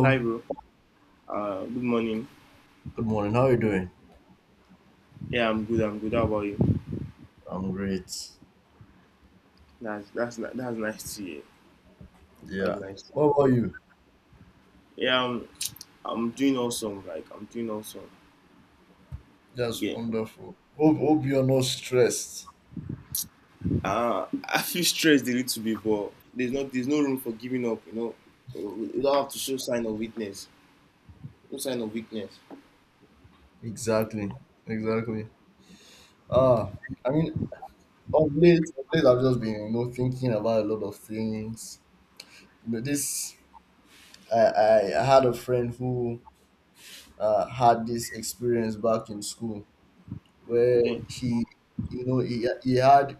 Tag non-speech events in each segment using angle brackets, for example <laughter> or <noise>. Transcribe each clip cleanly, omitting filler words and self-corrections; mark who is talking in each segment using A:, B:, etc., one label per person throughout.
A: Hi, bro. Good morning.
B: good morning. How are you doing?
A: Yeah, I'm good. I'm good. How about you?
B: I'm great.
A: That's nice to hear. That's
B: Yeah.
A: nice.
B: What about you?
A: Yeah, I'm doing awesome. Like I'm doing awesome.
B: That's
A: Yeah.
B: wonderful. Hope you're not stressed.
A: I feel stressed a little bit, but there's no room for giving up. We don't have to show sign of weakness. No sign of weakness.
B: Exactly. Exactly. Ah, I mean, of late, I've just been, you know, thinking about a lot of things. You know, this I had a friend who had this experience back in school where
A: Okay.
B: he, you know, he had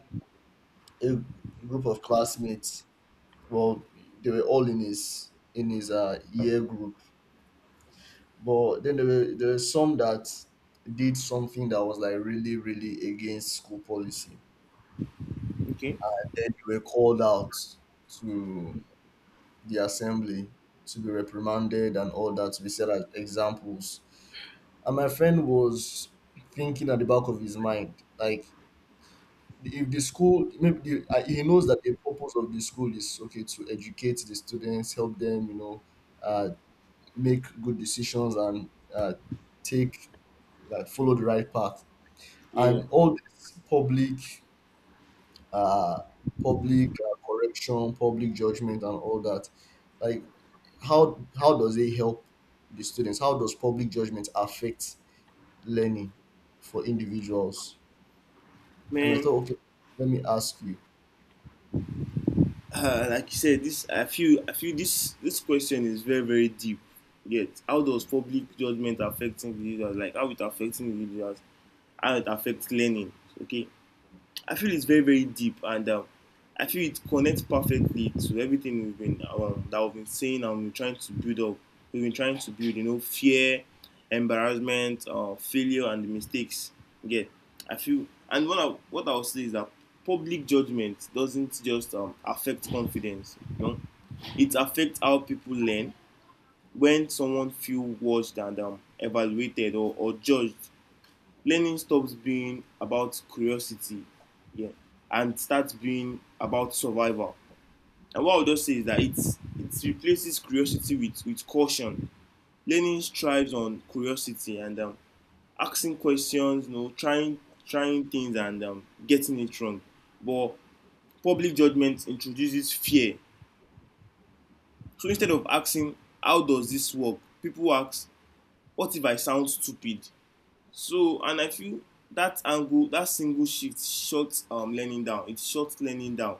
B: a group of classmates. Well, they were all in his year group. But then there were some that did something that was like really, really against school policy.
A: Okay.
B: Then they were called out to the assembly to be reprimanded and all that, to be set as examples. And my friend was thinking at the back of his mind, like, if the school maybe the, he knows that the purpose of the school is, okay, to educate the students, help them, uh, make good decisions and take like follow the right path,
A: Yeah.
B: and all this public uh public correction, public judgment and all that, like how does it help the students? How does public judgment affect learning for individuals? And I
A: Man,
B: thought, okay, let me ask you.
A: like you said, this I feel this question is very very deep. Yet, how does public judgment affect individuals? Like how it affects individuals? How it affects learning. Okay, I feel it's very very deep, and I feel it connects perfectly to everything we've been saying, and we're trying to build up. We've been trying to build fear, embarrassment, failure, and the mistakes. Yeah, I feel, and what I'll say is that public judgment doesn't just affect confidence. It affects how people learn when someone feels watched and evaluated or judged. Learning stops being about curiosity, yeah, and starts being about survival. And what I would just say is that it replaces curiosity with caution. Learning strives on curiosity and asking questions, you know, trying things and getting it wrong. But public judgment introduces fear. So instead of asking, how does this work? People ask, what if I sound stupid? So, and I feel that angle, that single shift shuts learning down. It shuts learning down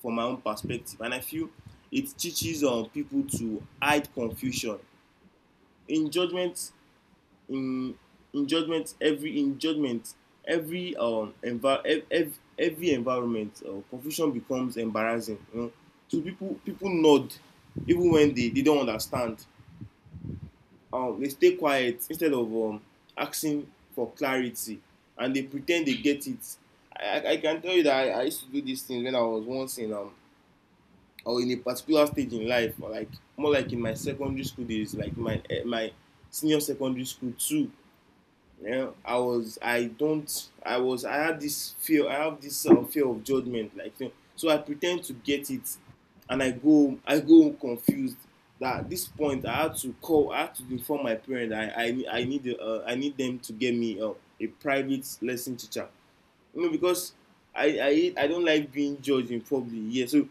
A: from my own perspective. And I feel it teaches people to hide confusion. In judgment, in, in judgment, every environment, confusion becomes embarrassing. You know? So people nod even when they don't understand. They stay quiet instead of asking for clarity, and they pretend they get it. Can tell you that I used to do these things when I was once in or in a particular stage in life, or like more like in my secondary school days, like my senior secondary school too. Yeah, I was. I don't. I was. I had this fear. I have this fear of judgment. Like, so I pretend to get it, and I go. I go confused. That at this point, I had to call. I had to inform my parents. I need. I need them to get me a private lesson teacher, no, because I don't like being judged in public. Yeah, so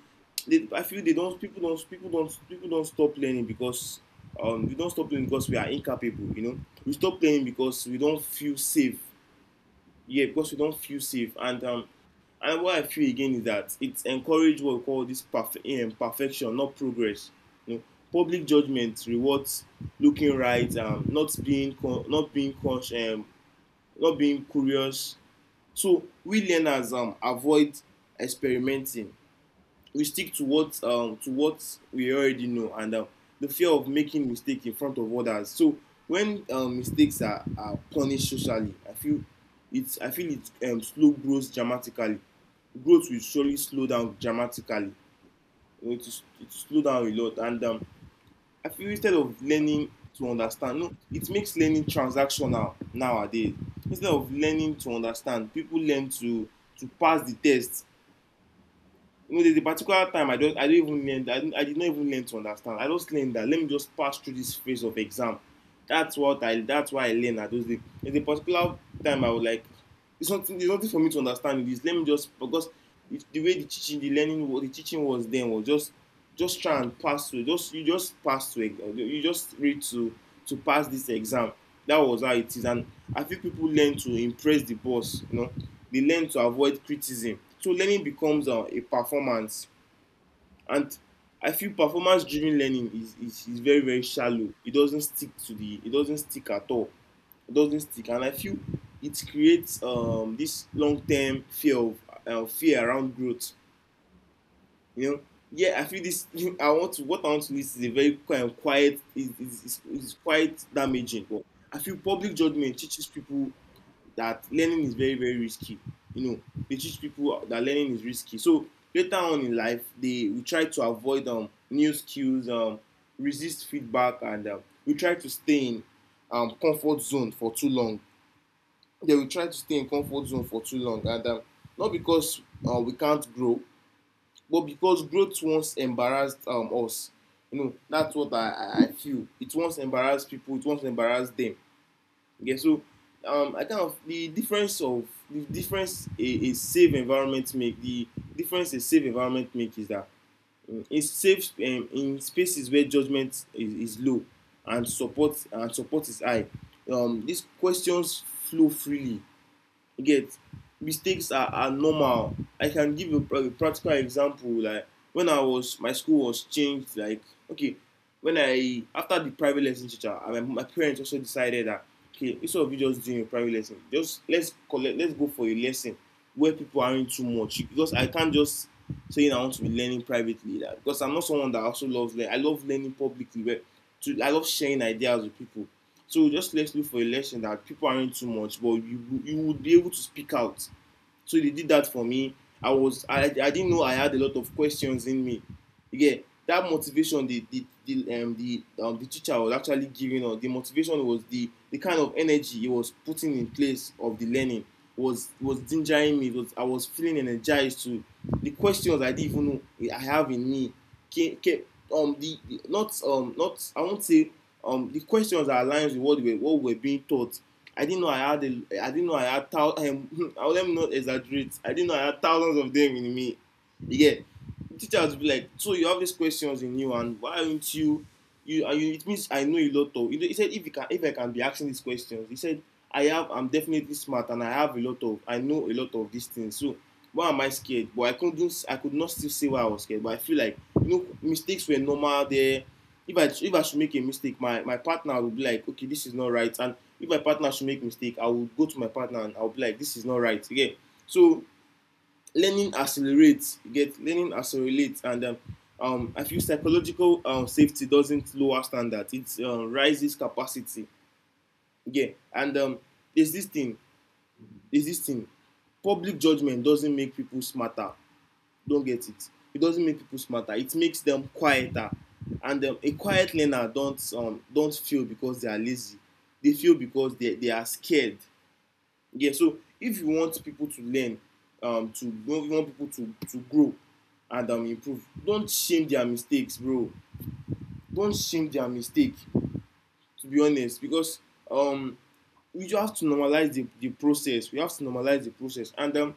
A: they, I feel they don't people don't stop learning because we don't stop learning because we are incapable. We stop learning because we don't feel safe. Yeah, because we don't feel safe. And what I feel again is that it encourages what we call this perfect imperfection, not progress. You know, Public judgment rewards looking right, not being not being conscious, not being curious, so we learners avoid experimenting. We stick to what we already know, and the fear of making mistakes in front of others. So when mistakes are punished socially, I feel it. I feel it slow growth dramatically. Growth will surely slow down dramatically. it it will slow down a lot, and I feel instead of learning to understand, no, it makes learning transactional nowadays. Instead of learning to understand, people learn to pass the test. There's a particular time I don't even learn. I did not even learn to understand. I just learned that, let me just pass through this phase of exam. That's what I. That's why I learned at those days. There's a particular time I was like, it's nothing. There's nothing for me to understand in this. Let me just, because the way the teaching was then was just try and pass through. Just You just pass through. You just read to pass this exam. That was how it is, and I think people learn to impress the boss. They learn to avoid criticism, so learning becomes a performance. And I feel performance driven learning is very very shallow. It doesn't stick to the it doesn't stick at all. It doesn't stick. And I feel it creates this long term fear around growth, you know. Yeah, I feel this <laughs> I want to what I want to list is a very quiet. Quiet is quite damaging, but I feel public judgment teaches people that learning is very very risky. you know they teach people that learning is risky. So later on in life, they we try to avoid new skills, resist feedback, and we try to stay in comfort zone for too long. They will try to stay in comfort zone for too long, and not because we can't grow, but because growth once embarrassed us. You know, that's what I feel. It once embarrassed people. It once embarrassed them. Okay, so I kind of the difference a safe environment make is that in safe in spaces where judgment is low, and support is high, these questions flow freely. You get mistakes are normal. I can give a practical example. Like when I was my school was changed. Like okay, when I after the private lesson teacher, my parents also decided that, okay, instead of you just doing a private lesson, let's go for a lesson where people aren't too much, because I can't just saying I want to be learning privately, that because I'm not someone that also loves learning. I love learning publicly where to I love sharing ideas with people. So just let's look for a lesson that people aren't too much, but you would be able to speak out. So they did that for me. I didn't know I had a lot of questions in me. Again, that motivation the teacher was actually giving us the motivation, was the kind of energy he was putting in place of the learning was gingering me. It was I was feeling energized to the questions I didn't even know I have in me. Came, came, um the, not not I won't say the questions are aligned with what we were being taught. I didn't know I had a, I didn't know I had thou, I'll <laughs> let me not exaggerate. I didn't know I had thousands of them in me. Yeah. Teachers will be like, so you have these questions in you, and why aren't you? You, it means I know a lot of. He said, if I can be asking these questions, he said, I'm definitely smart, and I know a lot of these things. So why am I scared? But I could not still say why I was scared. But I feel like mistakes were normal there. If I should make a mistake, my partner will be like, okay, this is not right. And if my partner should make a mistake, I will go to my partner, and I'll be like, this is not right. Again, so learning accelerates. You get learning accelerates, and I feel psychological safety doesn't lower standards. It rises capacity. Again, and there's this thing. There's this thing. Public judgment doesn't make people smarter, don't get it. It doesn't make people smarter. It makes them quieter. And a quiet learner don't feel because they are lazy. They feel because they are scared. Yeah. So if you want people to learn, to you want people to grow and improve, don't shame their mistakes, bro. Don't shame their mistake. To be honest, because um, we just have to normalize the process. We have to normalize the process. And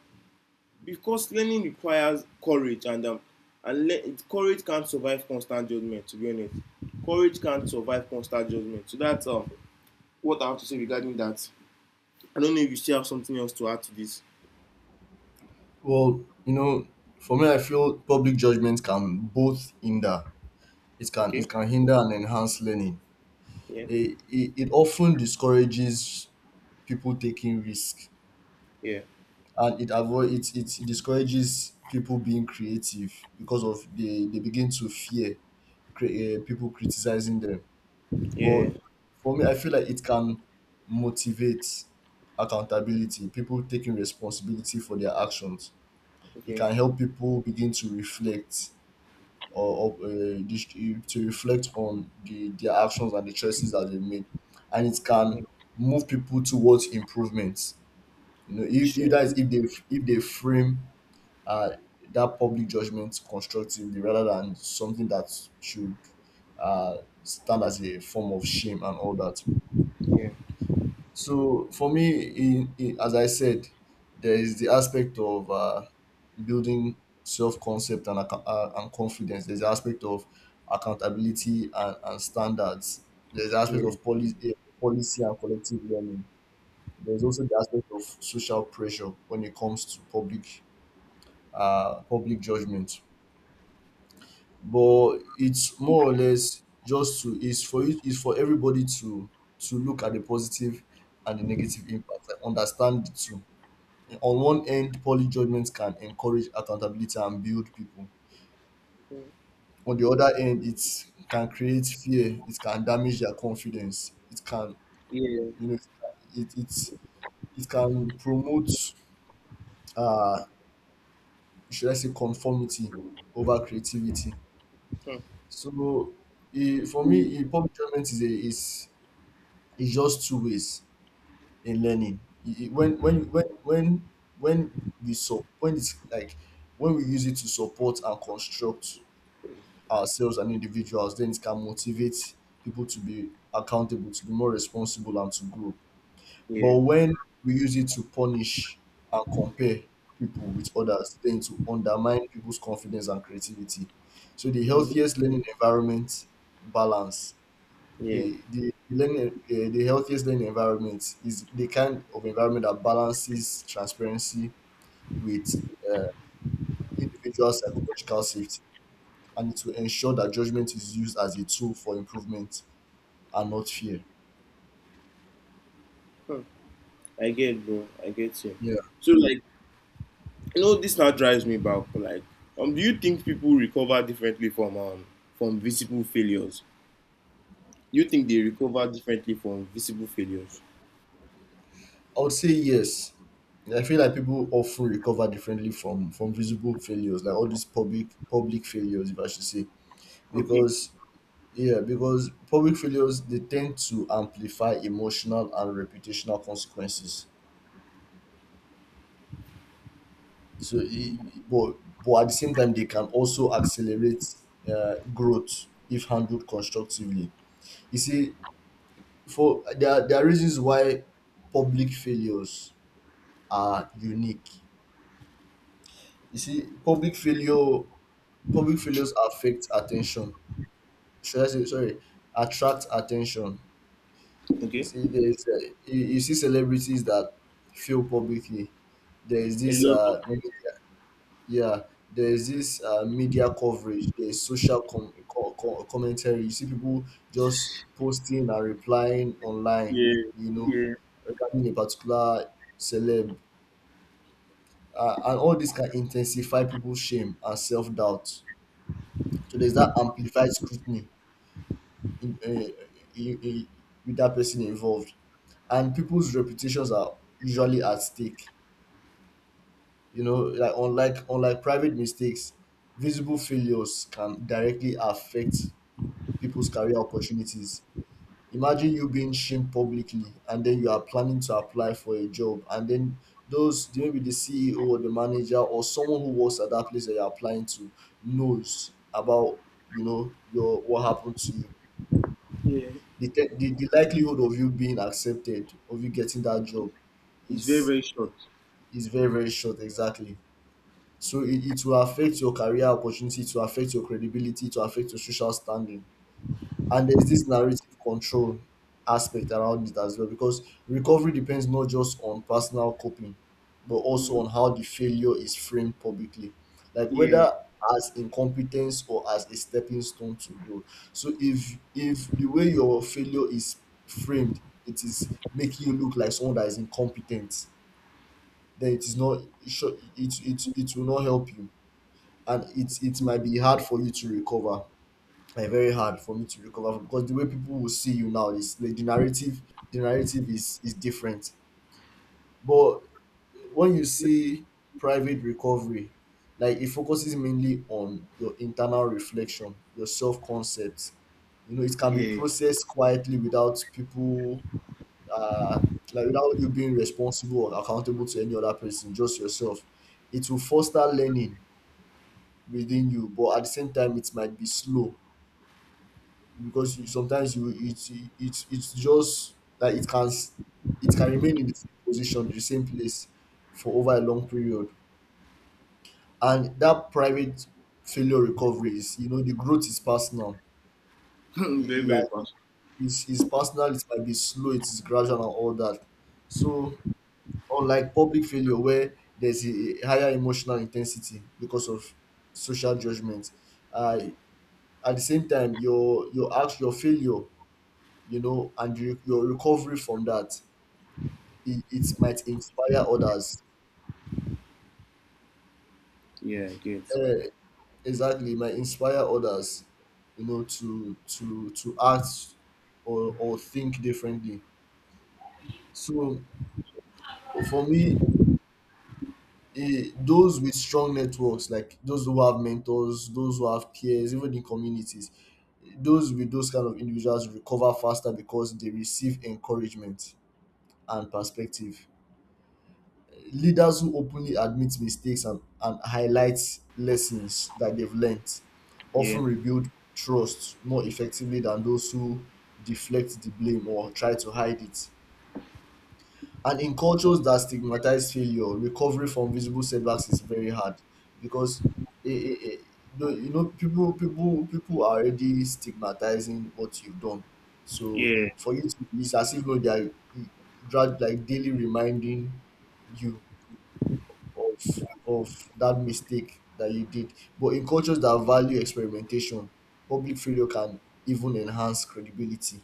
A: because learning requires courage and courage can't survive constant judgment, to be honest. Courage can't survive constant judgment, so that's what I have to say regarding that. I don't know if you still have something else to add to this.
B: Well, you know, for me, I feel public judgment can both hinder — it can it
A: Okay.
B: can hinder and enhance learning.
A: Yeah,
B: It often discourages people taking risk,
A: yeah,
B: and it avoid it it discourages people being creative because of they begin to fear people criticizing them.
A: yeah.
B: But for me, I feel like it can motivate accountability, people taking responsibility for their actions. It
A: Okay.
B: can help people begin to reflect to reflect on their actions and the choices that they made, and it can
A: Mm.
B: move people towards improvements, you know, if that is,
A: Sure.
B: if they — if they frame uh, that public judgment constructively rather than something that should uh, stand as a form of shame and all that.
A: Yeah,
B: So for me, as I said, there is the aspect of building self-concept and, and confidence. There's the aspect of accountability and standards. There's the aspect
A: yeah,
B: of policy, policy and collective learning. There's also the aspect of social pressure when it comes to public public judgment. But it's more or less just to — it's for you, it's for everybody to look at the positive and the negative impact and understand the two. On one end, poly judgments can encourage accountability and build people. On the other end, it can create fear. It can damage their confidence. It can,
A: yeah.
B: you know, it can promote, uh, should I say, conformity over creativity.
A: Hmm.
B: So, for me, public judgment is a is — it's just two ways in learning. It- it- when we so when it's like When we use it to support and construct ourselves and individuals, then it can motivate people to be accountable, to be more responsible, and to grow.
A: Yeah.
B: But when we use it to punish and compare people with others, then to undermine people's confidence and creativity. So the
A: Mm.
B: healthiest learning environment balance —
A: Yeah,
B: the healthiest learning environment is the kind of environment that balances transparency with uh, individual psychological safety, and to ensure that judgment is used as a tool for improvement and not fear.
A: I get, bro, I get you.
B: Yeah,
A: So like, you know, this now drives me back, like, do you think people recover differently from visible failures? You think they recover differently from visible failures?
B: I would say yes. I feel like people often recover differently from visible failures, like all these public public failures, if I should say,
A: Okay.
B: because yeah, because public failures, they tend to amplify emotional and reputational consequences. so i- i- but but at the same time, they can also accelerate growth if handled constructively. You see, for there are reasons why public failures are unique. You see, public failure — public failures affect attention, should I say, sorry, attract attention. You
A: Okay.
B: see there's you, you see celebrities that fail publicly. There is
A: A
B: this
A: lot of them.
B: yeah, there is this media coverage. There is social commentary. You see people just posting and replying online,
A: Yeah.
B: you know,
A: Yeah.
B: regarding a particular celeb, and all this can intensify people's shame and self doubt. So there's that amplified scrutiny in, uh, in, in, with that person involved, and people's reputations are usually at stake. You know, like unlike private mistakes, visible failures can directly affect people's career opportunities. Imagine you being shamed publicly, and then you are planning to apply for a job, and then those — maybe the CEO or the manager or someone who works at that place that you're applying to knows about — you know, your — what happened to you.
A: Yeah.
B: The likelihood of you being accepted, of you getting that job
A: It's very,
B: is
A: very short.
B: is very, very short, exactly. So it will affect your career opportunity, to affect your credibility, to affect your social standing. And there's this narrative control aspect around it as well, because recovery depends not just on personal coping but also
A: Mm.
B: on how the failure is framed publicly, like
A: Yeah.
B: whether as incompetence or as a stepping stone to grow. So if the way your failure is framed, it is making you look like someone that is incompetent, then it is not — it, it will not help you, and it might be hard for you to recover, very hard for me to recover from, because the way people will see you now is like the narrative — the narrative is different. But when you see private recovery, like it focuses mainly on your internal reflection, your self-concept, you know, it can be
A: Yeah.
B: processed quietly without people uh like without you being responsible or accountable to any other person, just yourself. It will foster learning within you, but at the same time it might be slow, because you — sometimes you — it's just like it can it can remain in the same position, the same place for over a long period. And that private failure recovery is, you know, the growth is personal.
A: <laughs>
B: you,
A: Very,
B: you are,
A: very fast.
B: it's personal, it might be slow, it's gradual and all that. So unlike public failure, where there's a higher emotional intensity because of social judgment, uh, at the same time your — your act — your failure, you know, and you — your recovery from that, it might inspire others.
A: Yeah, I get.
B: Eh, exactly, it might inspire others, you know, to to act or think differently. So for me, those with strong networks, like those who have mentors, those who have peers, even in communities, those with those kind of individuals recover faster because they receive encouragement and perspective. Leaders who openly admit mistakes and highlight lessons that they've learned
A: Yeah.
B: often rebuild trust more effectively than those who deflect the blame or try to hide it. And in cultures that stigmatize failure, recovery from visible setbacks is very hard because eh eh eh. You know, people are already stigmatizing what you've done. So
A: Yeah.
B: for you to — it's as if though they are eh, grad — like daily reminding you of that mistake that you did. But in cultures that value experimentation, public failure can even enhance credibility.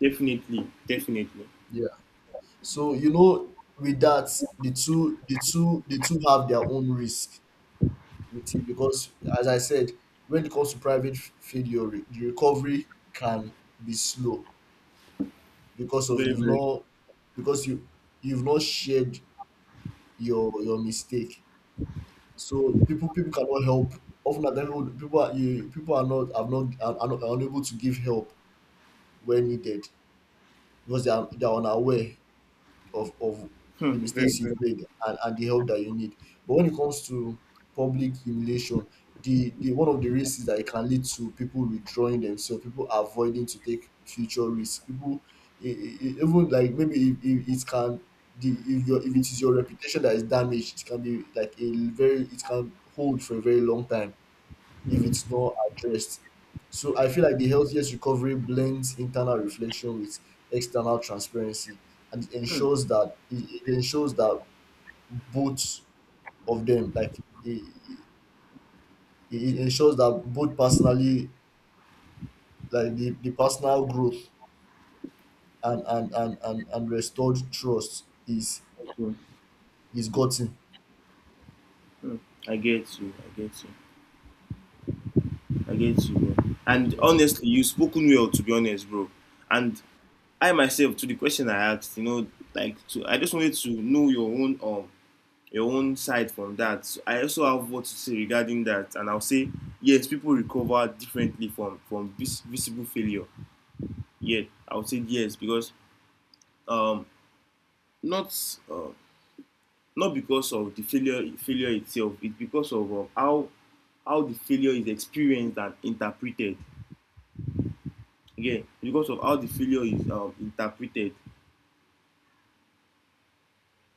A: Definitely. Definitely.
B: Yeah. So you know, with that, the two have their own risk with it, because, as I said, when it comes to private failure, the recovery can be slow because of —
A: Very,
B: you've
A: very.
B: not — because you — you've not shared your mistake. So people cannot help. Often at times, people are not — have not are, are not — are unable to give help where needed, because they are unaware of
A: <laughs>
B: the
A: Very,
B: mistakes
A: very.
B: you've made and the help that you need. But when it comes to public humiliation, the one of the risks is that it can lead to people withdrawing themselves, people avoiding to take future risks, people even like, maybe if it can — the if your — if it is your reputation that is damaged, it can be like a very — it can hold for a very long time if
A: Mm.
B: it's not addressed. So I feel like the healthiest recovery blends internal reflection with external transparency, and it
A: Mm.
B: ensures that — it ensures that both of them, like — it it ensures that both personally, like the personal growth and and restored trust
A: Okay.
B: is gotten.
A: Mm. I get you. I get you. I get you, bro. And honestly, you spoken well, to be honest, bro. And I myself, to the question I asked, you know, like, to, I just wanted to know your own side from that. So I also have what to say regarding that, and I'll say yes, people recover differently from visible failure. Yet I would say yes because um, not, uh, not because of the failure itself, it's because of how the failure is experienced and interpreted. Again, because of how the failure is interpreted.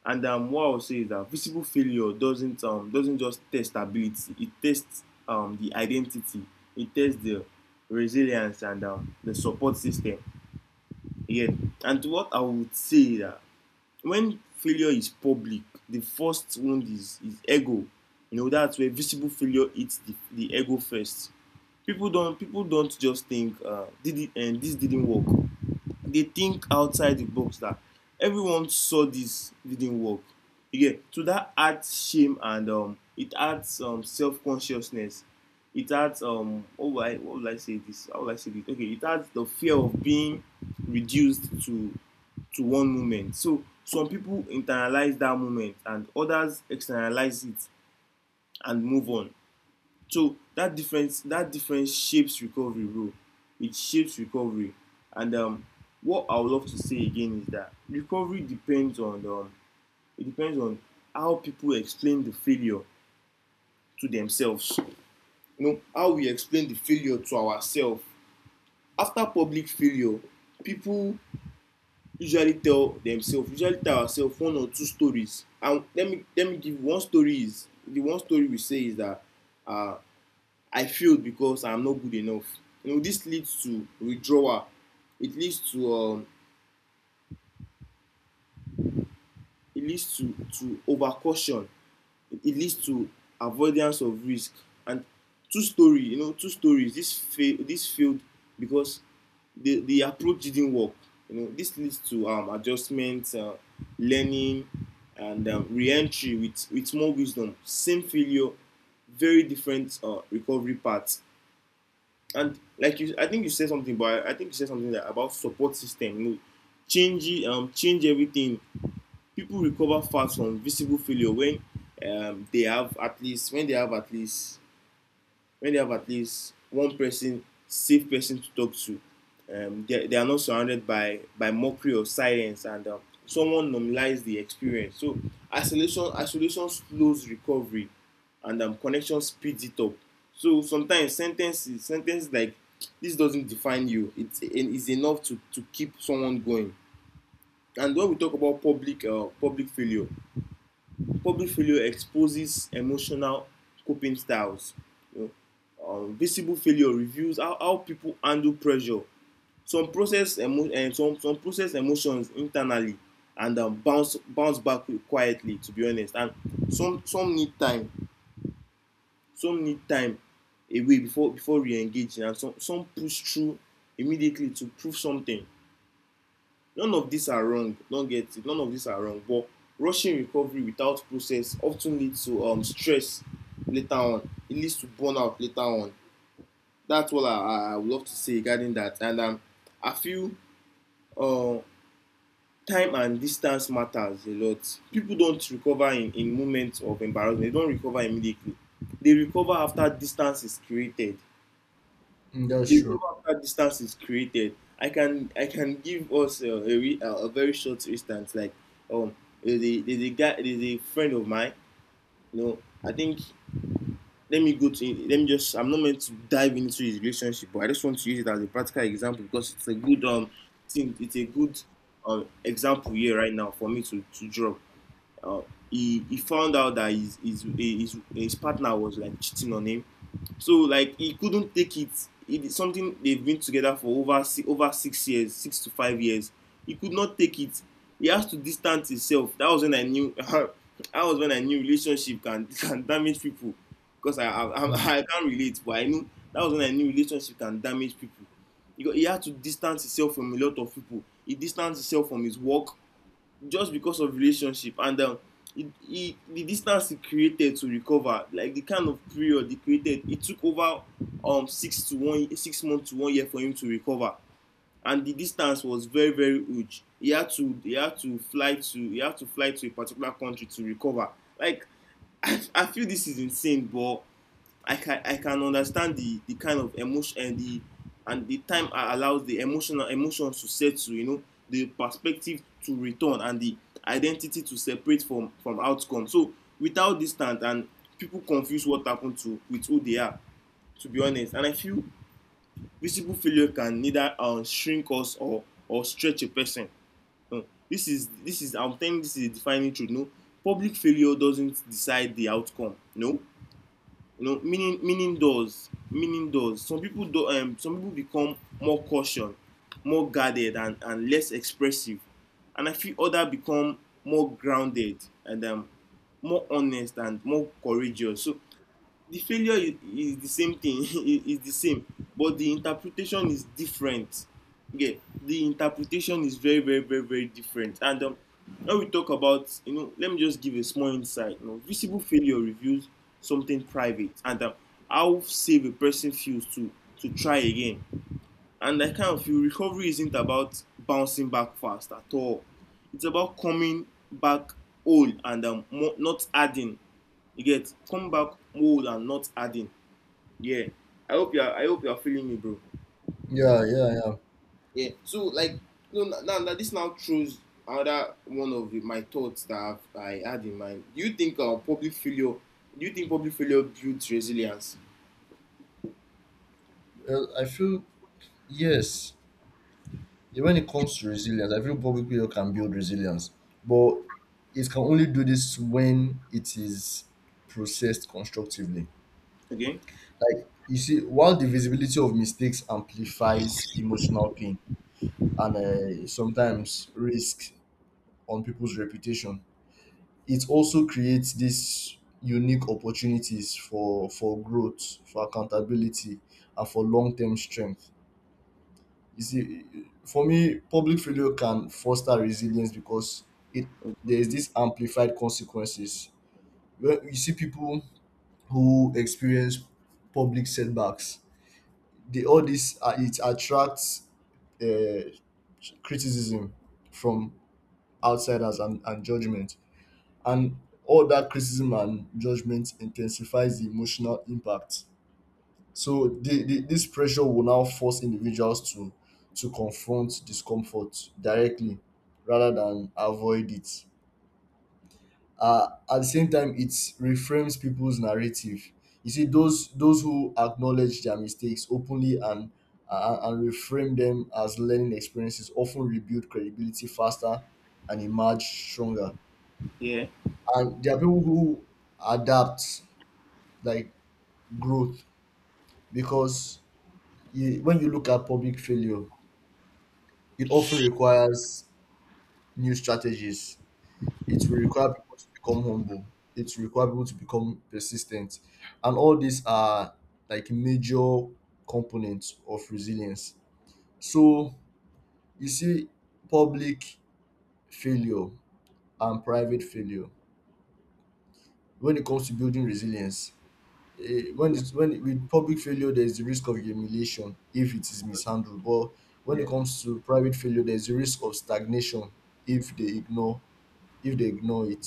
A: And what I'll say is that visible failure doesn't just test ability; it tests the identity, it tests the resilience and the support system. Again, and what I would say is that when failure is public, the first wound is ego. You know, that's where visible failure hits the ego first. People don't just think did it and this didn't work. They think outside the box that everyone saw this didn't work. Again, so that adds shame and it adds self-consciousness. It adds oh, why? I, what would I say this, how would I say this, okay, it adds the fear of being reduced to one moment. So some people internalize that moment and others externalize it and move on. So that difference, that difference shapes recovery role. It shapes recovery. And what I would love to say again is that recovery depends on it depends on how people explain the failure to themselves. You know, how we explain the failure to ourselves after public failure, people usually tell themselves, usually tell ourselves one or two stories. And let me give one story. Is the one story we say is that uh, I failed because I'm not good enough. You know, this leads to withdrawal. It leads to um, it leads to overcaution. It leads to avoidance of risk. And two story, you know, two stories. This fail, this failed because the approach didn't work. You know, this leads to adjustment, learning, and re-entry with more wisdom. Same failure, very different recovery paths. And like you, I think you said something, but I think you said something that about support system. You know, change change everything. People recover fast from visible failure when they have at least, when they have at least, when they have at least one person, safe person to talk to, they are not surrounded by mockery or silence, and someone normalizes the experience. So isolation, isolation slows recovery and connection speeds it up. So sometimes sentences, sentences like, this doesn't define you. It's enough to keep someone going. And when we talk about public failure, public failure exposes emotional coping styles. You know, visible failure reveals how people handle pressure. Some process emotions internally and bounce back quietly. To be honest, and some, need time. Some need time away before re-engaging, and some, push through immediately to prove something. None of these are wrong, don't get it, none of these are wrong, but rushing recovery without process of ten leads to stress later on, it leads to burnout later on. That's all I would love to say regarding that. And I feel uh, time and distance matters a lot. People don't recover in moments of embarrassment, they don't recover immediately, they recover after distance is created.
B: Mm, that's
A: The
B: true.
A: rule after distance is created, I can give us a very short instance. Like, um, there's a guy, there's a friend of mine. You know, I think, let me go to, let me just, I'm not meant to dive into his relationship, but I just want to use it as a practical example because it's a good thing. It's a good example here right now for me to draw. Uh, he, found out that his, his partner was like cheating on him, so like he couldn't take it. It is something they've been together for over 6 years, 6 to 5 years. He could not take it. He has to distance himself. That was when I knew. <laughs> That was when I knew relationship can <laughs> can damage people. Because I <laughs>
B: Mm.
A: I can't relate, but I knew that was when I knew relationship can damage people. He had to distance himself from a lot of people. He distanced himself from his work just because of relationship, and he, the distance he created to recover, like, the kind of period he created, it took over 6 months to one year for him to recover, and the distance was very, very huge. He had to fly to a particular country to recover, like, <laughs> I feel this is insane, but I can understand the kind of emotion and the, time I allows the emotional emotions to settle, you know, the perspective to return, and the identity to separate from outcome. So without distance, and people confuse what happened to with who they are, to be honest. And I feel visible failure can neither shrink us or stretch a person. No. This is, I'm telling, this is a defining truth. No, public failure doesn't decide the outcome. No, you know, meaning does, some people become more cautious, more guarded, and less expressive, and I feel others become more grounded and more honest and more courageous. So the failure is the same thing, <laughs> is the same, but the interpretation is different. Okay, the interpretation is very, very, very, very different. And when we talk about, you know, let me just give a small insight, you know, visible failure reveals something private, and how safe a person feels to try again. And I kind of feel recovery isn't about bouncing back fast at all, it's about coming back whole and not adding. You get, come back whole and not adding. Yeah. I hope you're feeling me, bro.
B: Yeah, yeah, yeah.
A: Yeah. So like, no, now this now throws another my thoughts that I had in mind. Do you think public failure? Do you think public failure builds resilience?
B: Well, I feel yes. Yeah, when it comes to resilience, I feel public people can build resilience, but it can only do this when it is processed constructively.
A: Okay?
B: Like you see, while the visibility of mistakes amplifies emotional pain and sometimes risk on people's reputation, it also creates these unique opportunities for growth, for accountability, and for long term strength. You see, for me, public failure can foster resilience because it there is this amplified consequences. When you see people who experience public setbacks, they all this it attracts uh, criticism from outsiders and judgment, and all that criticism and judgment intensifies the emotional impact. So this pressure will now force individuals to confront discomfort directly rather than avoid it. At the same time, it reframes people's narrative. You see, those who acknowledge their mistakes openly and reframe them as learning experiences often rebuild credibility faster and emerge stronger.
A: Yeah.
B: And there are people who adapt like growth, because you, when you look at public failure, it often requires new strategies. It will require people to become humble. It will require people to become persistent. And all these are like major components of resilience. So you see public failure and private failure when it comes to building resilience. When it's — when with public failure, there is the risk of humiliation if it is mishandled. But when it
A: Yeah.
B: comes to private failure, there is the risk of stagnation if they ignore — if they ignore it.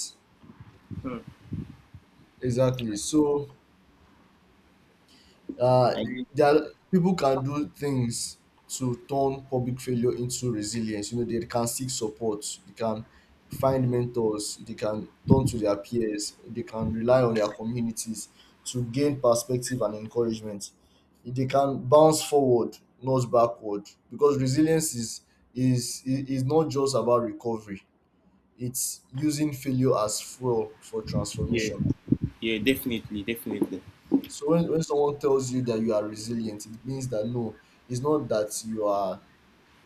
B: Exactly. So uh,
A: Like.
B: there are, people can do things to turn public failure into resilience. You know, they can seek support, they can find mentors, they can turn to their peers, they can rely on their communities to gain perspective and encouragement. They can bounce forward, not backward, because resilience is — is not just about recovery. It's using failure as fuel for
A: Yeah.
B: transformation.
A: Yeah, definitely, definitely.
B: So when someone tells you that you are resilient, it means that, no, it's not that you are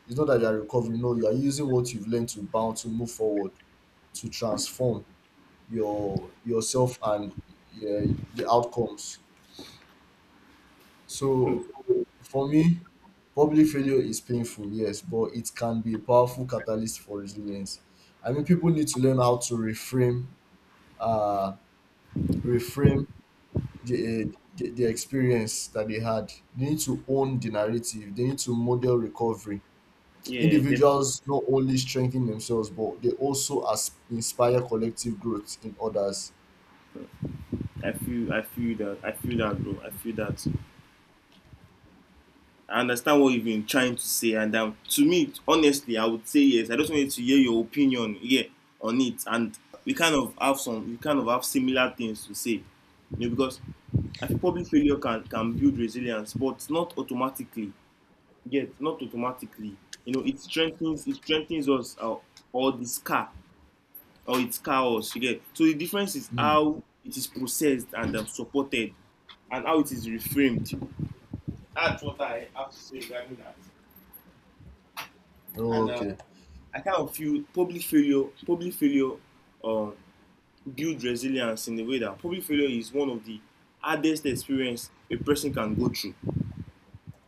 B: it's not that you are recovering. No, you are using what you've learned to bounce — to move forward, to transform your — yourself and yeah the outcomes.
A: Hmm.
B: So for me, public failure is painful, yes, but it can be a powerful catalyst for resilience. I mean, people need to learn how to reframe, uh, reframe the, the experience that they had. They need to own the narrative. They need to model recovery.
A: Yeah, definitely.
B: Individuals not only strengthen themselves, but they also as inspire collective growth in others.
A: I feel that, bro. I feel that. I understand what you've been trying to say, and to me, honestly, I would say yes. I just wanted to hear your opinion, yeah, on it, and we kind of have some, we kind of have similar things to say, you know, because I think public failure can build resilience, but not automatically. Yet, not automatically. You know, it strengthens us, or the scar, or it scar us. You get, so the difference is
B: Hmm.
A: how it is processed and supported, and how it is reframed. That's what I have to say regarding that. And
B: Oh, okay.
A: I kind of feel public failure um, builds resilience in a way, that public failure is one of the hardest experience a person can go through.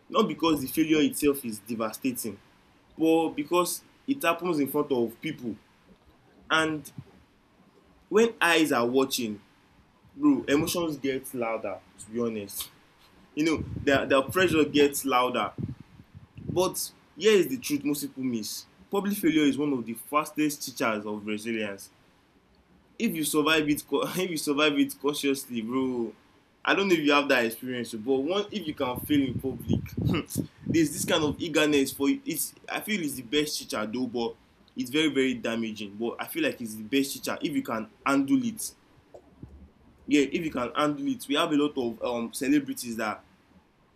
A: Not because the failure itself is devastating, but because it happens in front of people. And when eyes are watching, bro, emotions get louder, to be honest. You know, the pressure gets louder. But here is the truth most people miss. Public failure is one of the fastest teachers of resilience. If you survive it, <laughs> if you survive it cautiously, bro, I don't know if you have that experience, but one, if you can fail in public, <laughs> there's this kind of eagerness for it. It's, I feel it's the best teacher though, but it's very, very damaging. But I feel like it's the best teacher if you can handle it. Yeah, if you can handle it, we have a lot of celebrities that,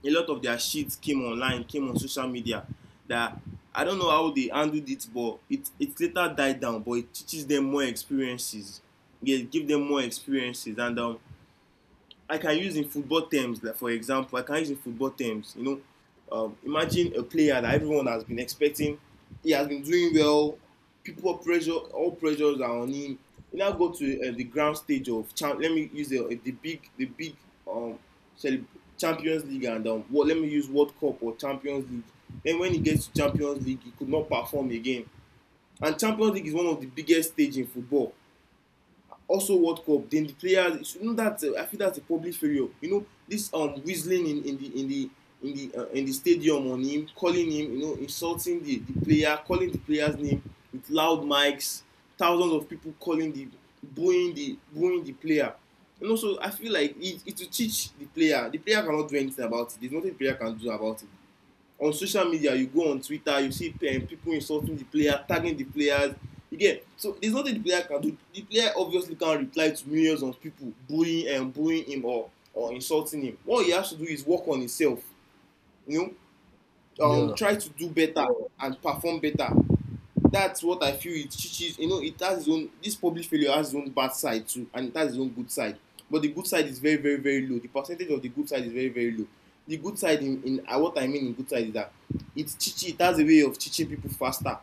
A: a lot of their shit came online, came on social media. That I don't know how they handled it, but it later died down. But it teaches them more experiences. Yeah, give them more experiences, and I can use in football terms, like for example, I can use in football terms, imagine a player that everyone has been expecting, he has been doing well, people pressure, all pressures are on him. You now go to the ground stage of, let me use the big um, Champions League and let me use World Cup or Champions League. Then when he gets to Champions League, he could not perform again. And Champions League is one of the biggest stage in football, also World Cup. Then the players, you know that I feel that's a public failure. You know this Whistling in the in the in the in the stadium on him, calling him, you know, insulting the player, calling the player's name with loud mics, thousands of people calling the, booing the player. And also I feel like it will teach the player. The player cannot do anything about it. There is nothing the player can do about it. On social media, you go on Twitter, you see people insulting the player, tagging the players. You get? So there's nothing the player can do. The player obviously can't reply to millions of people bullying and, bullying him or insulting him. What he has to do is work on himself, you know,
B: Yeah.
A: try to do better and perform better. That's what I feel it teaches. You know, it has its own. This public failure has its own bad side too, and it has its own good side. But the good side is very, very, very low. The percentage of the good side is very, very low. The good side in what I mean in good side is that it teaches. It has a way of teaching people faster.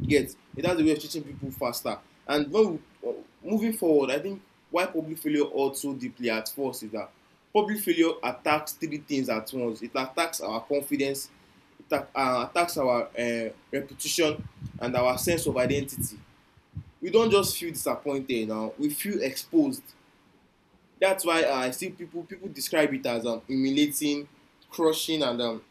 A: Yes, it has a way of teaching people faster. And we, uh, moving forward, I think why public failure also deeply at first is that public failure attacks three things at once. It attacks our confidence, attacks our reputation and our sense of identity. We don't just feel disappointed now, we feel exposed. That's why I see people describe it as humiliating, crushing, and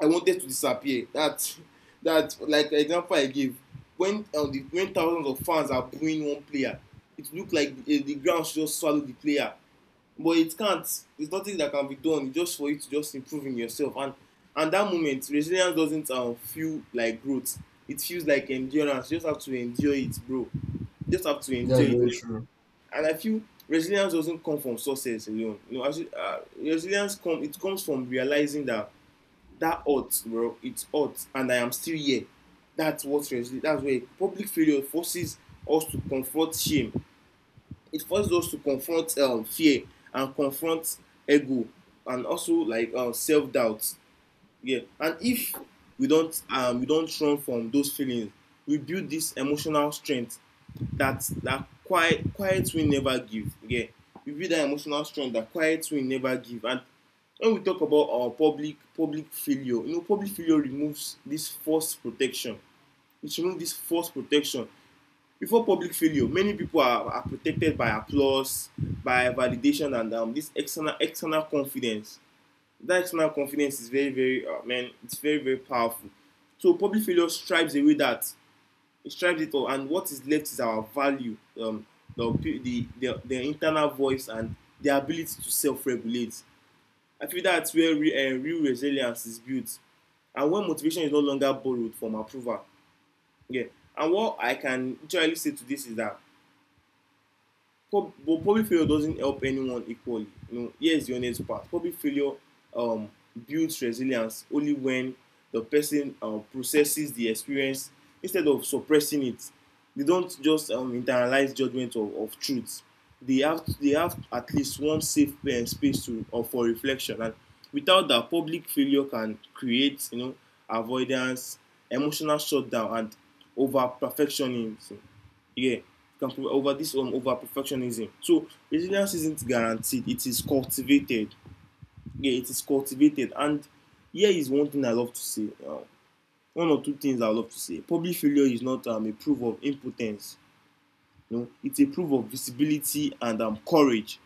A: I wanted to disappear. That, that, like the example I gave when when thousands of fans are booing one player, it looked like the ground should just swallow the player. But it can't. There's nothing that can be done. It's just for you to just improve in yourself. And that moment resilience doesn't feel like growth. It feels like endurance. You just have to endure it, bro. You just have to
B: That's
A: endure it.
B: very true.
A: And I feel resilience doesn't come from success alone. You know, actually, resilience come it comes from realizing that that hurt, bro. It's hurt, and I am still here. That's what resilience, that's where public failure forces us to confront shame. It forces us to confront fear and confront ego and also like self doubt. Yeah, and if we don't we don't run from those feelings, we build this emotional strength that quiet will never give. Yeah, we build that emotional strength that quiet will never give. And when we talk about our public failure, you know, public failure removes this false protection. It removes this false protection. Before public failure, many people are protected by applause, by validation and this external confidence. That external confidence is very, very, man it's very, very powerful. So public failure strips away that. It strips it all, and what is left is our value, the internal voice and the ability to self-regulate. I feel that's where real resilience is built, and when motivation is no longer borrowed from approval. Yeah. And what I can literally say to this is that prob- but probably failure doesn't help anyone equally. You know, here's the honest part. Probably failure um, builds resilience only when the person processes the experience instead of suppressing it. They don't just internalize judgment of truth. They have at least one safe space to or for reflection. And without that, public failure can create, you know, avoidance, emotional shutdown, and over perfectionism. Yeah, you can over this over perfectionism. So resilience isn't guaranteed, it is cultivated. Yeah, it is cultivated. And here is one thing I love to say, one or two things I love to say: public failure is not a proof of impotence. No, it's a proof of visibility and courage.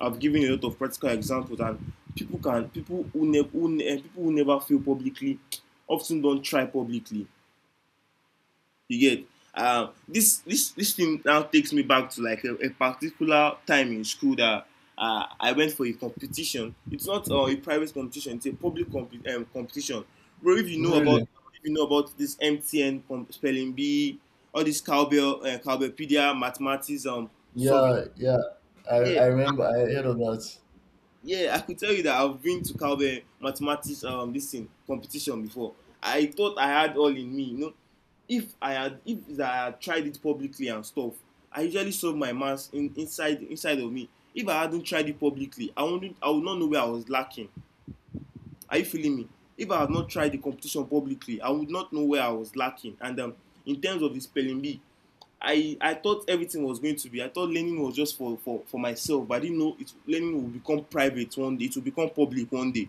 A: I've given a lot of practical examples. And people who never who, ne- people who never fail publicly often don't try publicly. You get? This this thing now takes me back to like a particular time in school that I went for a competition. It's not a private competition; it's a public competition. Bro,
B: Hmm, really.
A: if you know about this MTN spelling bee, all this cowbell, cowbellpedia, mathematics, solving.
B: Yeah. Yeah.
A: Yeah,
B: I remember I heard of that.
A: yeah, I could tell you that I've been to Cowbell mathematics this thing competition before. I thought I had all in me, you know. If I had tried it publicly and stuff, I usually solve my maths inside of me. If I hadn't tried it publicly, I would not know where I was lacking. Are you feeling me? If I had not tried the competition publicly, I would not know where I was lacking. And in terms of the spelling bee, I thought everything was going to be. I thought learning was just for myself, but I didn't know it. Learning will become private one day. It will become public one day.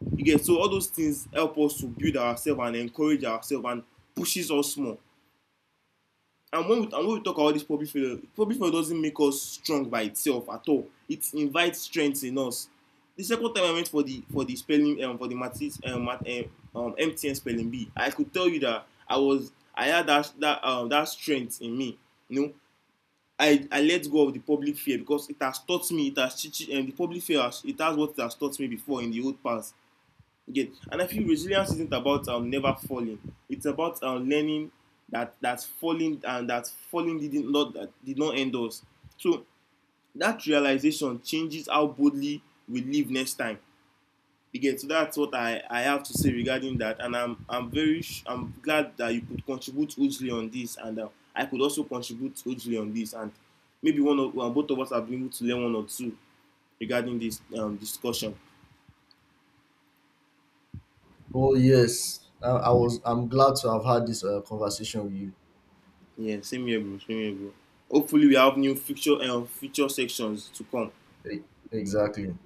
A: You get? So all those things help us to build ourselves and encourage ourselves and pushes us more. And and when we talk about this public failure doesn't make us strong by itself at all. It invites strength in us. The second time I went for the spelling for the math, MTN spelling bee, I could tell you that I had that that strength in me. You know, I let go of the public fear because it has taught me. It has and the public fear has, it has what it has taught me before in the old past again. And I feel resilience isn't about never falling. It's about learning that falling and that did not end us. So that realization changes how boldly we live next time again. So that's what I have to say regarding that. And I'm very, I'm glad that you could contribute hugely on this, and I could also contribute hugely on this. And maybe one of well, both of us have been able to learn one or two regarding this discussion.
B: Oh yes. I was — I'm glad to have had this conversation with you.
A: Yeah, same here, bro. Same here, bro. Hopefully we have new future sections to come.
B: E- Exactly.